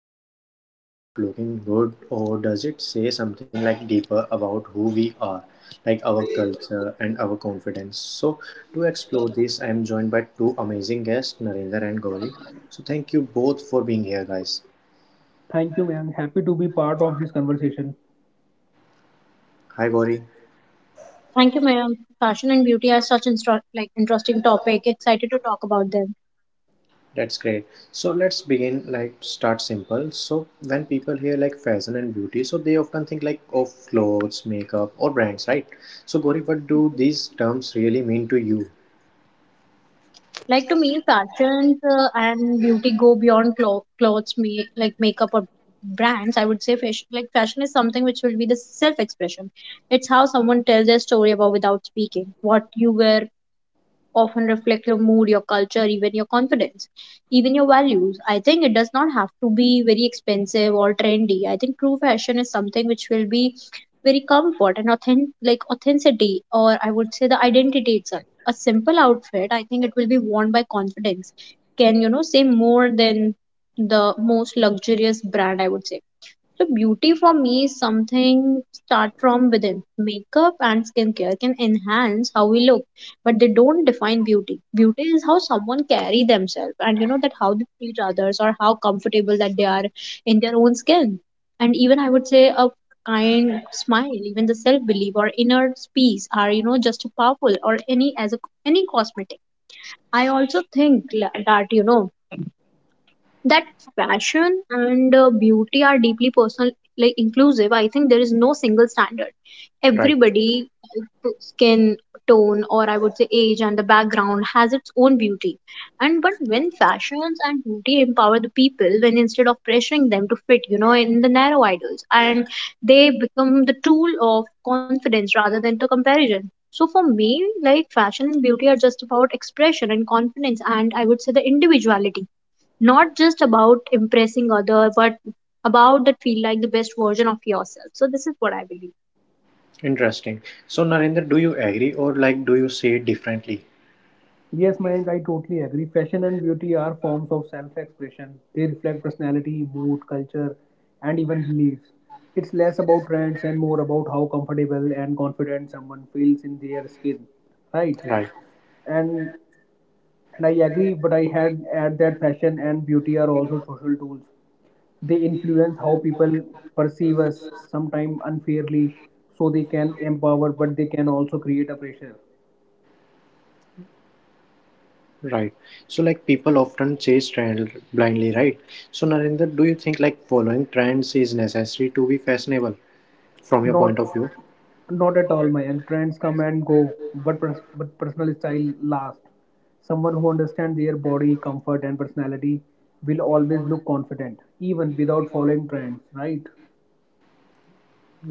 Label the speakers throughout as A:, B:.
A: So, is it just about looking good, or does it say something deeper about who we are, like our culture and our confidence? So, to explore this, I am joined by two amazing guests, Narinder and Gauri. So, thank you both for being here, guys.
B: Thank you, Mayank. Happy to be part of this conversation.
A: Hi, Gauri.
C: Thank you, ma'am. Fashion and beauty are such like interesting topic. Excited to talk about them.
A: That's great. So let's begin like start simple. So when people hear like fashion and beauty, so they often think of clothes, makeup or brands, right? So Gori, what do these terms really mean to you?
C: Like to me, fashion and beauty go beyond clothes, me like makeup or brands. I would say fashion is something which will be the self-expression. It's how someone tells their story about without speaking. What you wear often reflect your mood, your culture, even your confidence, even your values. I think it does not have to be very expensive or trendy. I think true fashion is something which will be very comfort and authentic, like authenticity, or I would say the identity itself. A simple outfit, I think it will be worn by confidence, can say more than the most luxurious brand. I would say so beauty for me is something start from within. Makeup and skincare can enhance how we look, but they don't define beauty. Beauty is how someone carry themselves and that how they treat others or how comfortable that they are in their own skin. And even I would say a kind smile, even the self belief or inner peace are just powerful or any cosmetic. I also think that you know that fashion and beauty are deeply personal like inclusive. I think there is no single standard.
A: Right.
C: Everybody skin tone or I would say age and the background has its own beauty. And but when fashions and beauty empower the people when instead of pressuring them to fit in the narrow idols, and they become the tool of confidence rather than the comparison. So for me, like fashion and beauty are just about expression and confidence and I would say the individuality, not just about impressing other but about that feel like the best version of yourself. So this is what I believe.
A: Interesting. So Narendra, do you agree or do you see it differently?
B: Yes, Mayank, I totally agree. Fashion and beauty are forms of self expression. They reflect personality, mood, culture, and even beliefs. It's less about trends and more about how comfortable and confident someone feels in their skin. Right?
A: Right.
B: And and I agree, but I had add that fashion and beauty are also social tools. They influence how people perceive us, sometimes unfairly, so they can empower, but they can also create a pressure.
A: Right. So like people often chase trend blindly, right? So Narendra, do you think like following trends is necessary to be fashionable from your
B: Not
A: point of view?
B: not at all, my young. Trends come and go, but but personal style lasts. Someone who understands their body, comfort, and personality will always look confident, even without following trends, right?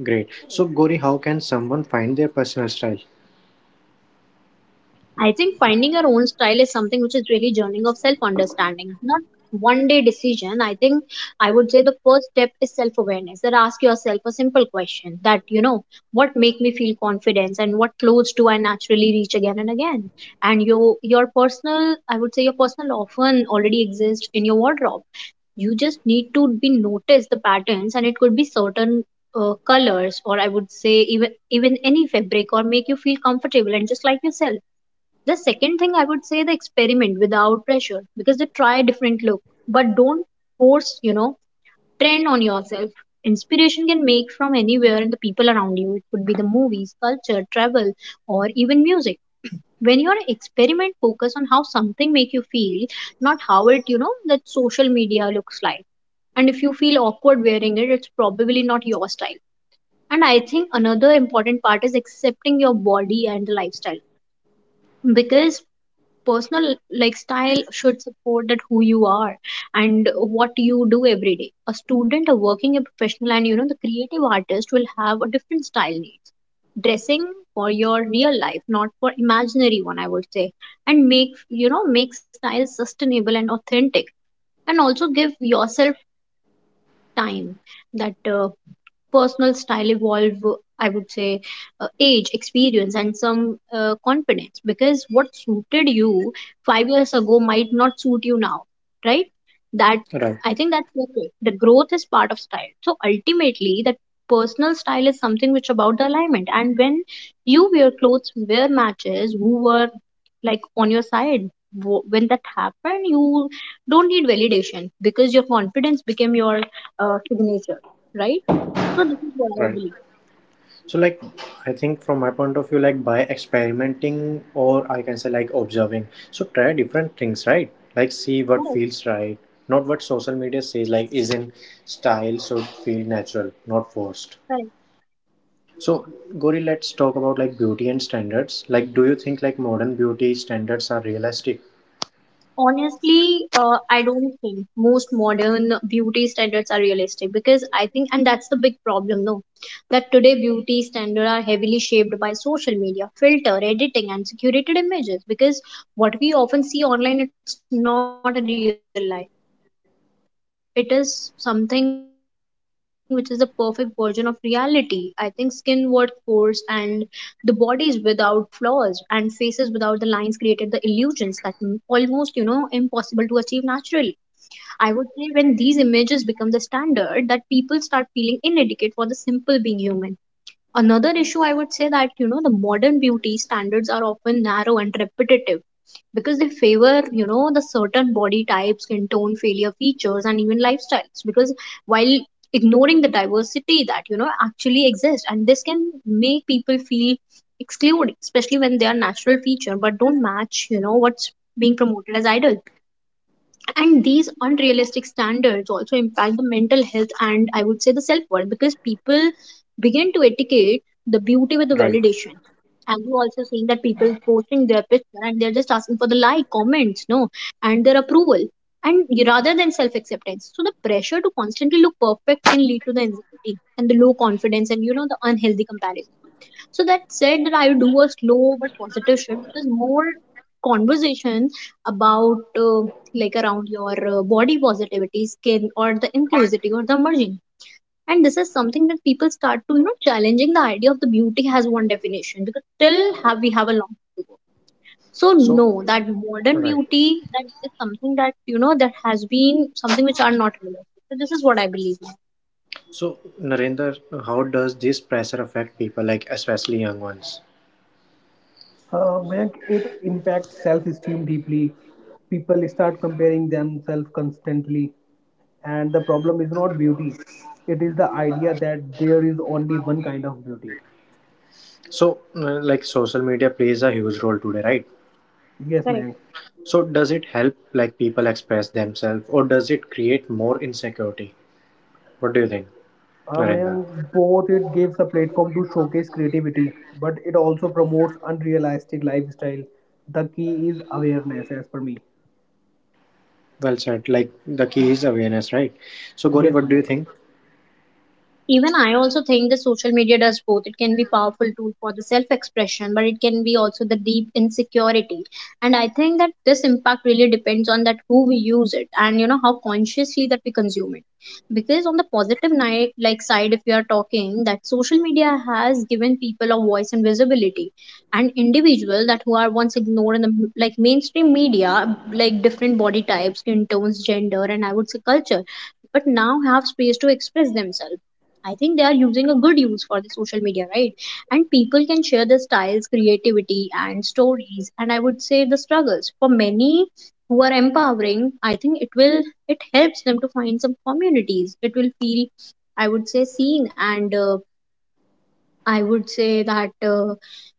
A: Great. So Gori, how can someone find their personal style?
C: I think finding your own style is something which is really journey of self understanding, not one day decision. I think I would say the first step is self awareness, that ask yourself a simple question that what make me feel confidence and what clothes do I naturally reach again and again. And your personal, I would say your personal often already exists in your wardrobe. You just need to be notice the patterns and it could be certain colors, or I would say even any fabric or make you feel comfortable and just like yourself. The second thing I would say the experiment without pressure because they try different look but don't force trend on yourself. Inspiration can make from anywhere and the people around you. It could be the movies, culture, travel or even music. When your experiment focus on how something make you feel, not how it that social media looks like. And if you feel awkward wearing it, it's probably not your style. And I think another important part is accepting your body and the lifestyle because personal like style should support that who you are and what you do every day. A student, a working a professional and the creative artist will have a different style needs. Dressing for your real life not for imaginary one, I would say, and make you know make style sustainable and authentic. And also give yourself time that personal style evolve. I would say age experience and some confidence because what suited you 5 years ago might not suit you now, right. That
A: Right,
C: I think that's okay. The growth is part of style. So ultimately that personal style is something which about the alignment and when you wear clothes wear matches who were like on your side. When that happened, you don't need validation because your confidence became your signature, right. So this is what I
A: right.
C: believe.
A: So, like, I think from my point of view, like by experimenting or I can say like observing, so try different things, right? Like, see what
C: Correct.
A: feels right, not what social media says, like, is in style, so feel natural, not forced.
C: Correct.
A: So, Gori, let's talk about like beauty and standards. Like, do you think like modern beauty standards are realistic?
C: Honestly, I don't think most modern beauty standards are realistic because I think, and that's the big problem, no, that today beauty standards are heavily shaped by social media, filter, editing, and curated images. Because what we often see online, it's not a real life. It is something which is a perfect version of reality. I think skin word coarse and the bodies without flaws and faces without the lines created the illusions that almost impossible to achieve naturally. I would say when these images become the standard, that people start feeling inadequate for the simple being human. Another issue I would say that, the modern beauty standards are often narrow and repetitive because they favor, the certain body types, skin tone, failure features, and even lifestyles. Because while ignoring the diversity that, actually exists, and this can make people feel excluded, especially when they are natural feature but don't match, what's being promoted as ideal. And these unrealistic standards also impact the mental health and I would say the self-worth because people begin to etiquette the beauty with the
A: Right.
C: validation. And you also seeing that people posting their picture and they're just asking for the like comments, no, and their approval, and rather than self-acceptance. So the pressure to constantly look perfect can lead to the anxiety and the low confidence and the unhealthy comparison. So that said, that I do a slow but positive shift because more conversations about like around your body positivity, skin, or the inclusivity or the merging. And this is something that people start to challenging the idea of the beauty has one definition because still have we have a long way to go. So
A: So,
C: no, that modern
A: right.
C: beauty that is something that that has been something which are not relevant. So this is what I believe now.
A: So, Narendra, how does this pressure affect people, like, especially young ones?
B: Mayank, it impacts self-esteem deeply. People start comparing themselves constantly, and the problem is not beauty. It is the idea that there is only one kind of beauty.
A: So, like social media plays a huge role today, right?
B: Yes,
C: Correct.
B: Mayank.
A: So, does it help like people express themselves or does it create more insecurity? What do you think, Narendra?
B: Among both, it gives a platform to showcase creativity, but it also promotes unrealistic lifestyle. The key is awareness, as per me.
A: Well said. Like the key is awareness, right? So, Gauri,
B: Yes,
A: what do you
B: Mayank.
A: think?
C: Even I also think that social media does both. It can be powerful tool for the self expression but it can be also the deep insecurity. And I think that this impact really depends on that who we use it and how consciously that we consume it. Because on the positive night like side, if we are talking that social media has given people a voice and visibility and individual that who are once ignored in the like mainstream media, like different body types, skin tones, gender and I would say culture, but now have space to express themselves. I think they are using a good use for the social media, right? And people can share their styles, creativity, and stories, and I would say the struggles. For many who are empowering, I think it helps them to find some communities. It will feel, I would say, seen and I would say that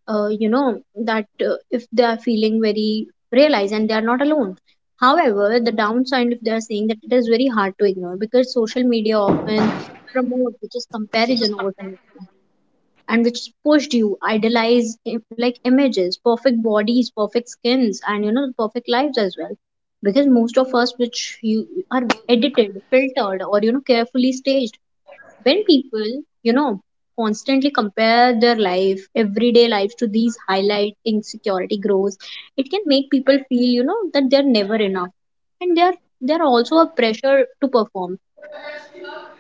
C: you know that if they are feeling very realized and they are not alone. However, the downside if they are saying that it is very hard to ignore because social media often promote which is comparison over connection and which pushed you idealize like images, perfect bodies, perfect skins, and perfect lives as well. Because most of us, which you are edited, filtered, or carefully staged when people you know constantly compare their life everyday lives to these highlight insecurity grows. It can make people feel that they're never enough and they're also a pressure to perform,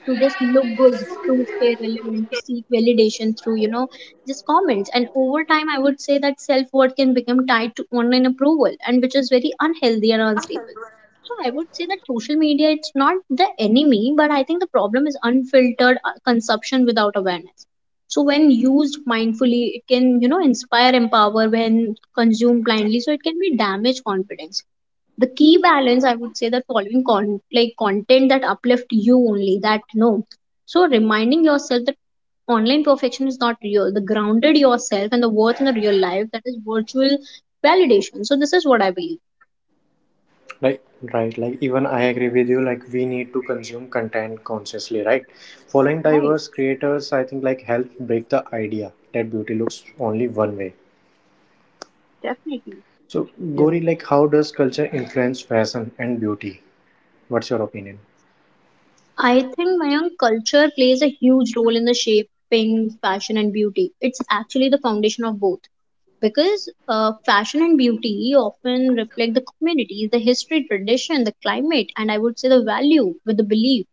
C: to just look good, to stay relevant, to seek validation through just comments. And over time I would say that self-worth can become tied to online approval and which is very unhealthy and unstable. So I would say that social media it's not the enemy, but I think the problem is unfiltered consumption without awareness. So when used mindfully, it can inspire, empower. When consumed blindly, so it can be damage confidence. The key balance, I would say, that following like content that uplift you only, that no. So reminding yourself that online perfection is not real. The grounded yourself and the worth in the real life that is virtual validation. So this is what I believe.
A: Right, right. Like even I agree with you. Like we need to consume content consciously, right? Following
C: Right.
A: diverse creators, I think like helps break the idea that beauty looks only one way.
C: Definitely.
A: So,
B: Yes.
A: Gauri, like how does culture influence fashion and beauty? What's your opinion?
C: I think Mayank culture plays a huge role in the shaping fashion and beauty. It's actually the foundation of both. Because fashion and beauty often reflect the community, the history, tradition, the climate, and I would say the value with the belief.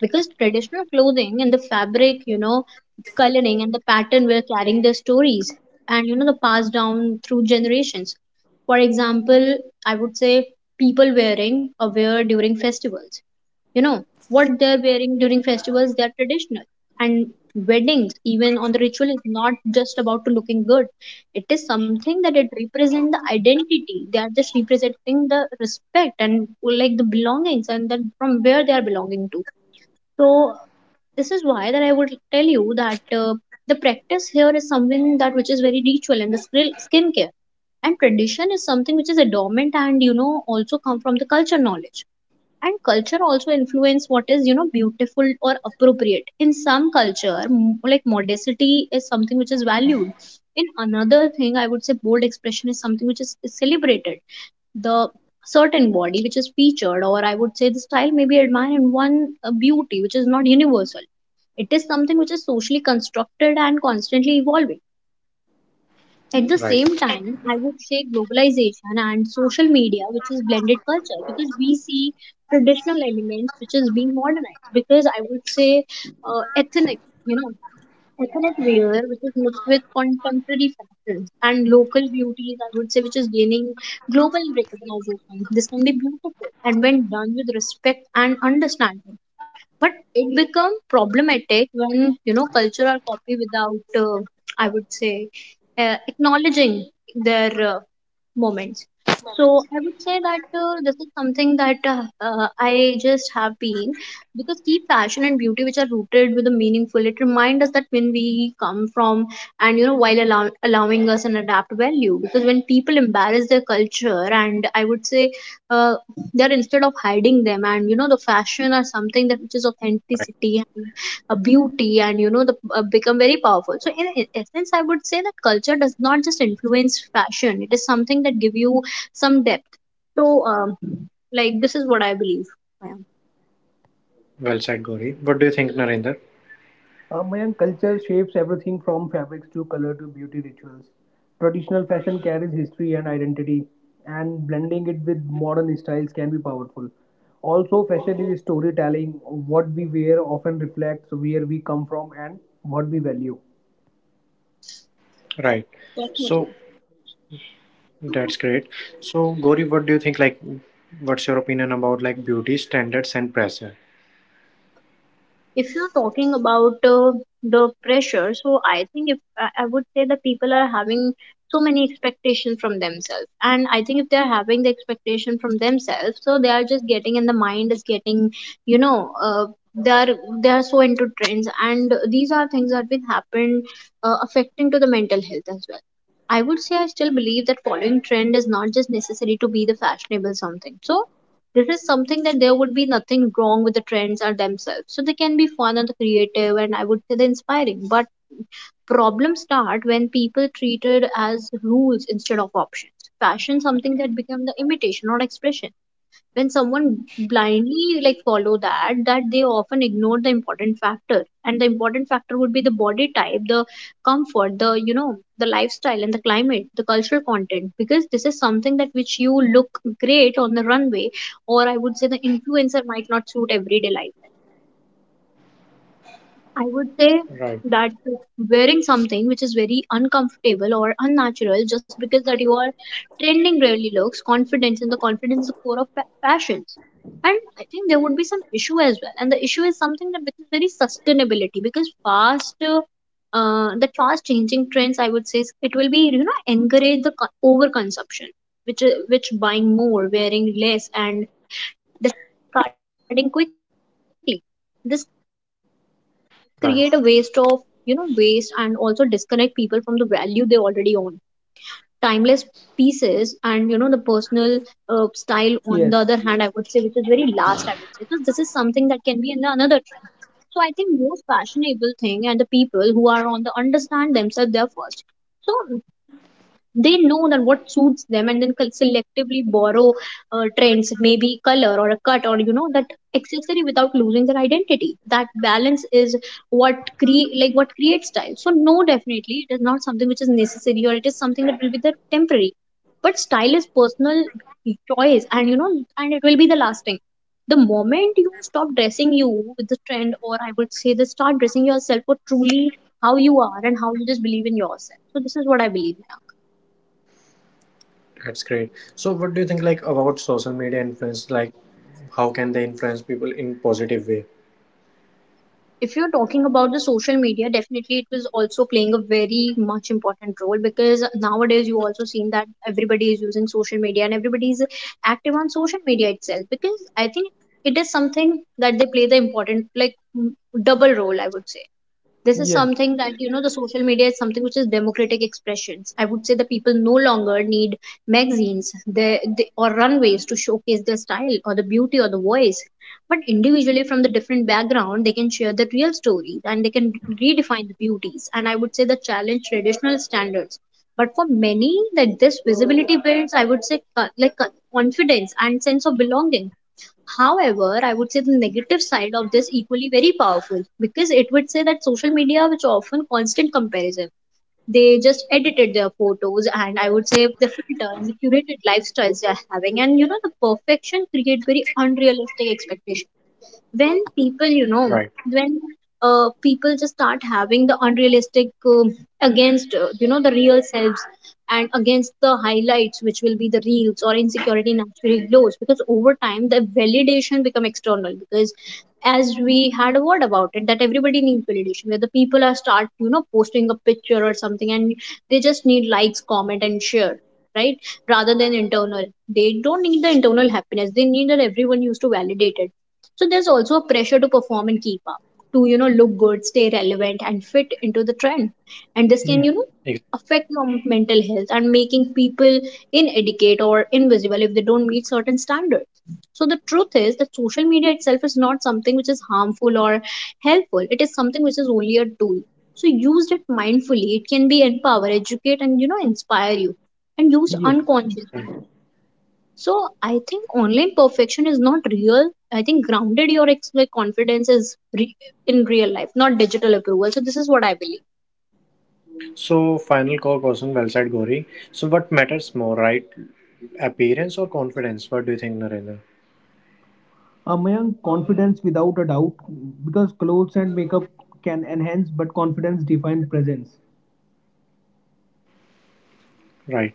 C: Because traditional clothing and the fabric, the coloring and the pattern were carrying the stories and, the passed down through generations. For example, I would say people wearing a wear during festivals, you know what they're wearing during festivals, they're traditional and weddings, even on the ritual, is not just about to looking good. It is something that it represent the identity, they are just representing the respect and like the belongings and then from where they are belonging to. So this is why that I would tell you that the practice here is something that which is very ritual, and the skill skincare and tradition is something which is a dormant, and you know also come from the culture knowledge. And culture also influence what is, you know, beautiful or appropriate. In some culture, like modesty is something which is valued. In another thing, I would say bold expression is something which is celebrated. The certain body which is featured, or I would say the style may be admired in one. Beauty which is not universal. It is something which is socially constructed and constantly evolving. At the same
A: Right.
C: time, I would say globalization and social media, which is blended culture, because we see traditional elements which is being modernized. Because I would say ethnic, you know, ethnic wear which is mixed with contemporary fashions and local beauties, I would say, which is gaining global recognition. This can be beautiful, and when done with respect and understanding. But it become problematic when you know cultural copy without I would say acknowledging their moments. So I would say that this is something that I just have been, because keep fashion and beauty which are rooted with a meaningful, it reminds us that when we come from, and you know while allowing us an adapt value. Because when people embarrass their culture, and I would say uh, they're instead of hiding them, and you know the fashion are something that which is
A: Right.
C: authenticity and a beauty, and you know the become very powerful. So in essence, I would say that culture does not just influence fashion, it is something that give you some depth. So like this is what I believe, ma'am.
A: Well said, Gauri. What do you think, Narinder?
B: Mayank, culture shapes everything from fabrics to color to beauty rituals. Traditional fashion carries history and identity, and blending it with modern styles can be powerful. Also, fashion is storytelling. What we wear often reflects where we come from and what we value.
A: Right. So
C: Definitely.
A: that's great. So, Gauri, what do you think? Like, what's your opinion about like beauty standards and pressure?
C: If you're talking about the pressure, so I think if I would say that people are having so many expectations from themselves, and I think if they're having the expectation from themselves, so they are just getting and the mind is getting, you know, uh, they are, they are so into trends, and these are things that will happen affecting to the mental health as well. I would say I still believe that following trend is not just necessary to be the fashionable something. So this is something that there would be nothing wrong with the trends are themselves. So they can be fun and creative, and I would say they're inspiring. But problems start when people treated as rules instead of options. Fashion something that become the imitation, not expression, when someone blindly like follow that they often ignore the important factor, and the important factor would be the body type, the comfort, the you know the lifestyle and the climate, the cultural content, because this is something that which you look great on the runway, or I would say the influencer might not suit everyday life. I would say
A: Right.
C: that wearing something which is very uncomfortable or unnatural, just because that you are trending, really looks confidence, and the confidence is the core of fashion. And I think there would be some issue as well. And the issue is something that which is very sustainability, because fast, that fast changing trends, I would say, it will be you know encourage the overconsumption, which is which buying more, wearing less, and discarding quickly. This
A: Right.
C: create a waste of, you know, waste, and also disconnect people from the value they already own. Timeless pieces and you know the personal style
B: Yes,
C: on the other hand, I would say, which is very last, I would say. So this is something that can be in the another trend. So I think most fashionable thing, and the people who are on the understand themselves, they are first. So they know that what suits them, and then selectively borrow trends, maybe color or a cut or you know that accessory, without losing their identity. That balance is what creates style. So no, definitely it is not something which is necessary, or it is something that will be the temporary. But style is personal choice, and you know, and it will be the lasting. The moment you stop dressing you with the trend, or I would say the start dressing yourself for truly how you are and how you just believe in yourself. So this is what I believe now.
A: That's great. So, what do you think like about social media influence? Like, how can they influence people in positive way?
C: If you're talking about the social media, definitely it was also playing a very much important role, because nowadays you also seen that everybody is using social media, and everybody is active on social media itself. Because I think it is something that they play the important like double role, I would say. This is
B: yes,
C: something that you know the social media is something which is democratic expressions, I would say. The people no longer need magazines, or runways to showcase their style or the beauty or the voice. But individually from the different background, they can share the real stories, and they can redefine the beauties, and I would say the challenge traditional standards. But for many, that this visibility builds, I would say confidence and sense of belonging. However, I would say the negative side of this equally very powerful, because it would say that social media, which often constant comparison, they just edited their photos, and I would say the filter and the curated lifestyles they are having, and you know the perfection create very unrealistic expectations. When people, you know,
A: Right.
C: when people just start having the unrealistic against, you know, the real selves, and against the highlights, which will be the reels, or insecurity naturally glows, because over time the validation become external. Because as we had a word about it that everybody needs validation, where the people are start, you know, posting a picture or something, and they just need likes, comment, and share, right, rather than internal. They don't need the internal happiness, they need that everyone used to validate it. So there's also a pressure to perform and keep up, to you know look good, stay relevant, and fit into the trend. And this
B: yes.
C: can, you know, affect your mental health, and making people inadequate or invisible if they don't meet certain standards. So the truth is that social media itself is not something which is harmful or helpful. It is something which is only a tool. So used it mindfully, it can be empower, educate, and you know inspire you, and used
B: Yes.
C: unconsciously,
A: Exactly.
C: so I think online perfection is not real. I think grounded your confidence is in real life, not digital approval. So this is what I believe.
A: So, final core question. Well said, Gauri. So, what matters more, right? Appearance or confidence? What do you think, Narinder?
B: Among confidence without a doubt because clothes and makeup can enhance but confidence defines presence.
A: Right.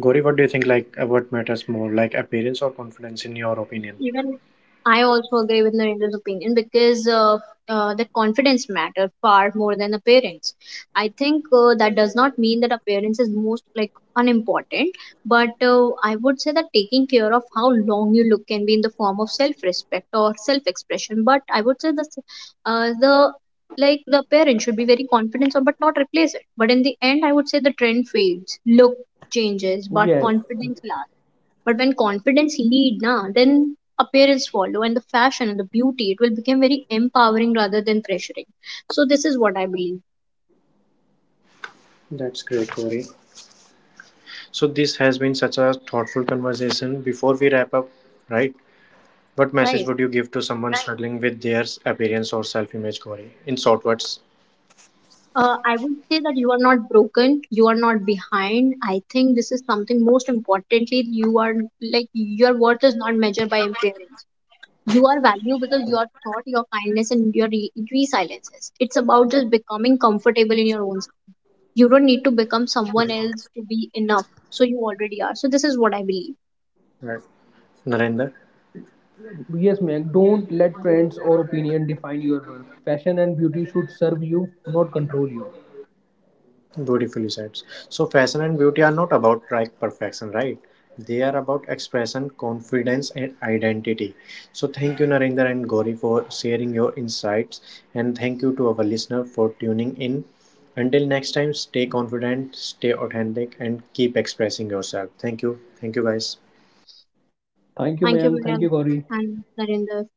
A: Gauri, what do you think what matters more, like appearance or confidence in your opinion?
C: Even I also agree with Narendra's opinion, because the confidence matter far more than appearance. I think that does not mean that appearance is most like unimportant, but I would say that taking care of how long you look can be in the form of self-respect or self-expression. But I would say that the like the appearance should be very confident, or but not replace it. But in the end, I would say the trend fades, look changes, but
B: Yes,
C: confidence lasts. But when confidence lead na, then appearance follow, and the fashion and the beauty, it will become very empowering rather than pressuring. So this is what I believe,
A: That's great, Corey. So this has been such a thoughtful conversation. Before we wrap up, right? What message
C: right?
A: would you give to someone struggling with their appearance or self-image, Corey? In short words,
C: I would say that you are not broken, you are not behind. I think this is something most importantly, you are like your worth is not measured by appearance. You are valued because your thought, your kindness, and your resiliences. It's about just becoming comfortable in your own skin. You don't need to become someone else to be enough. So you already are. So this is what I believe.
A: right? Narendra.
B: yes, Meg. Don't let trends or opinion define your worth. Fashion and beauty should serve you, not control you.
A: Beautifully said. So, fashion and beauty are not about perfection, right? They are about expression, confidence, and identity. So, thank you, Narendra and Gauri, for sharing your insights, and thank you to our listener for tuning in. Until next time, stay confident, stay authentic, and keep expressing yourself. Thank you. Thank you, guys.
B: Thank you, Mayank. Thank
C: Thank
B: you,
C: you,
B: Gauri.
C: Brian and Narinder.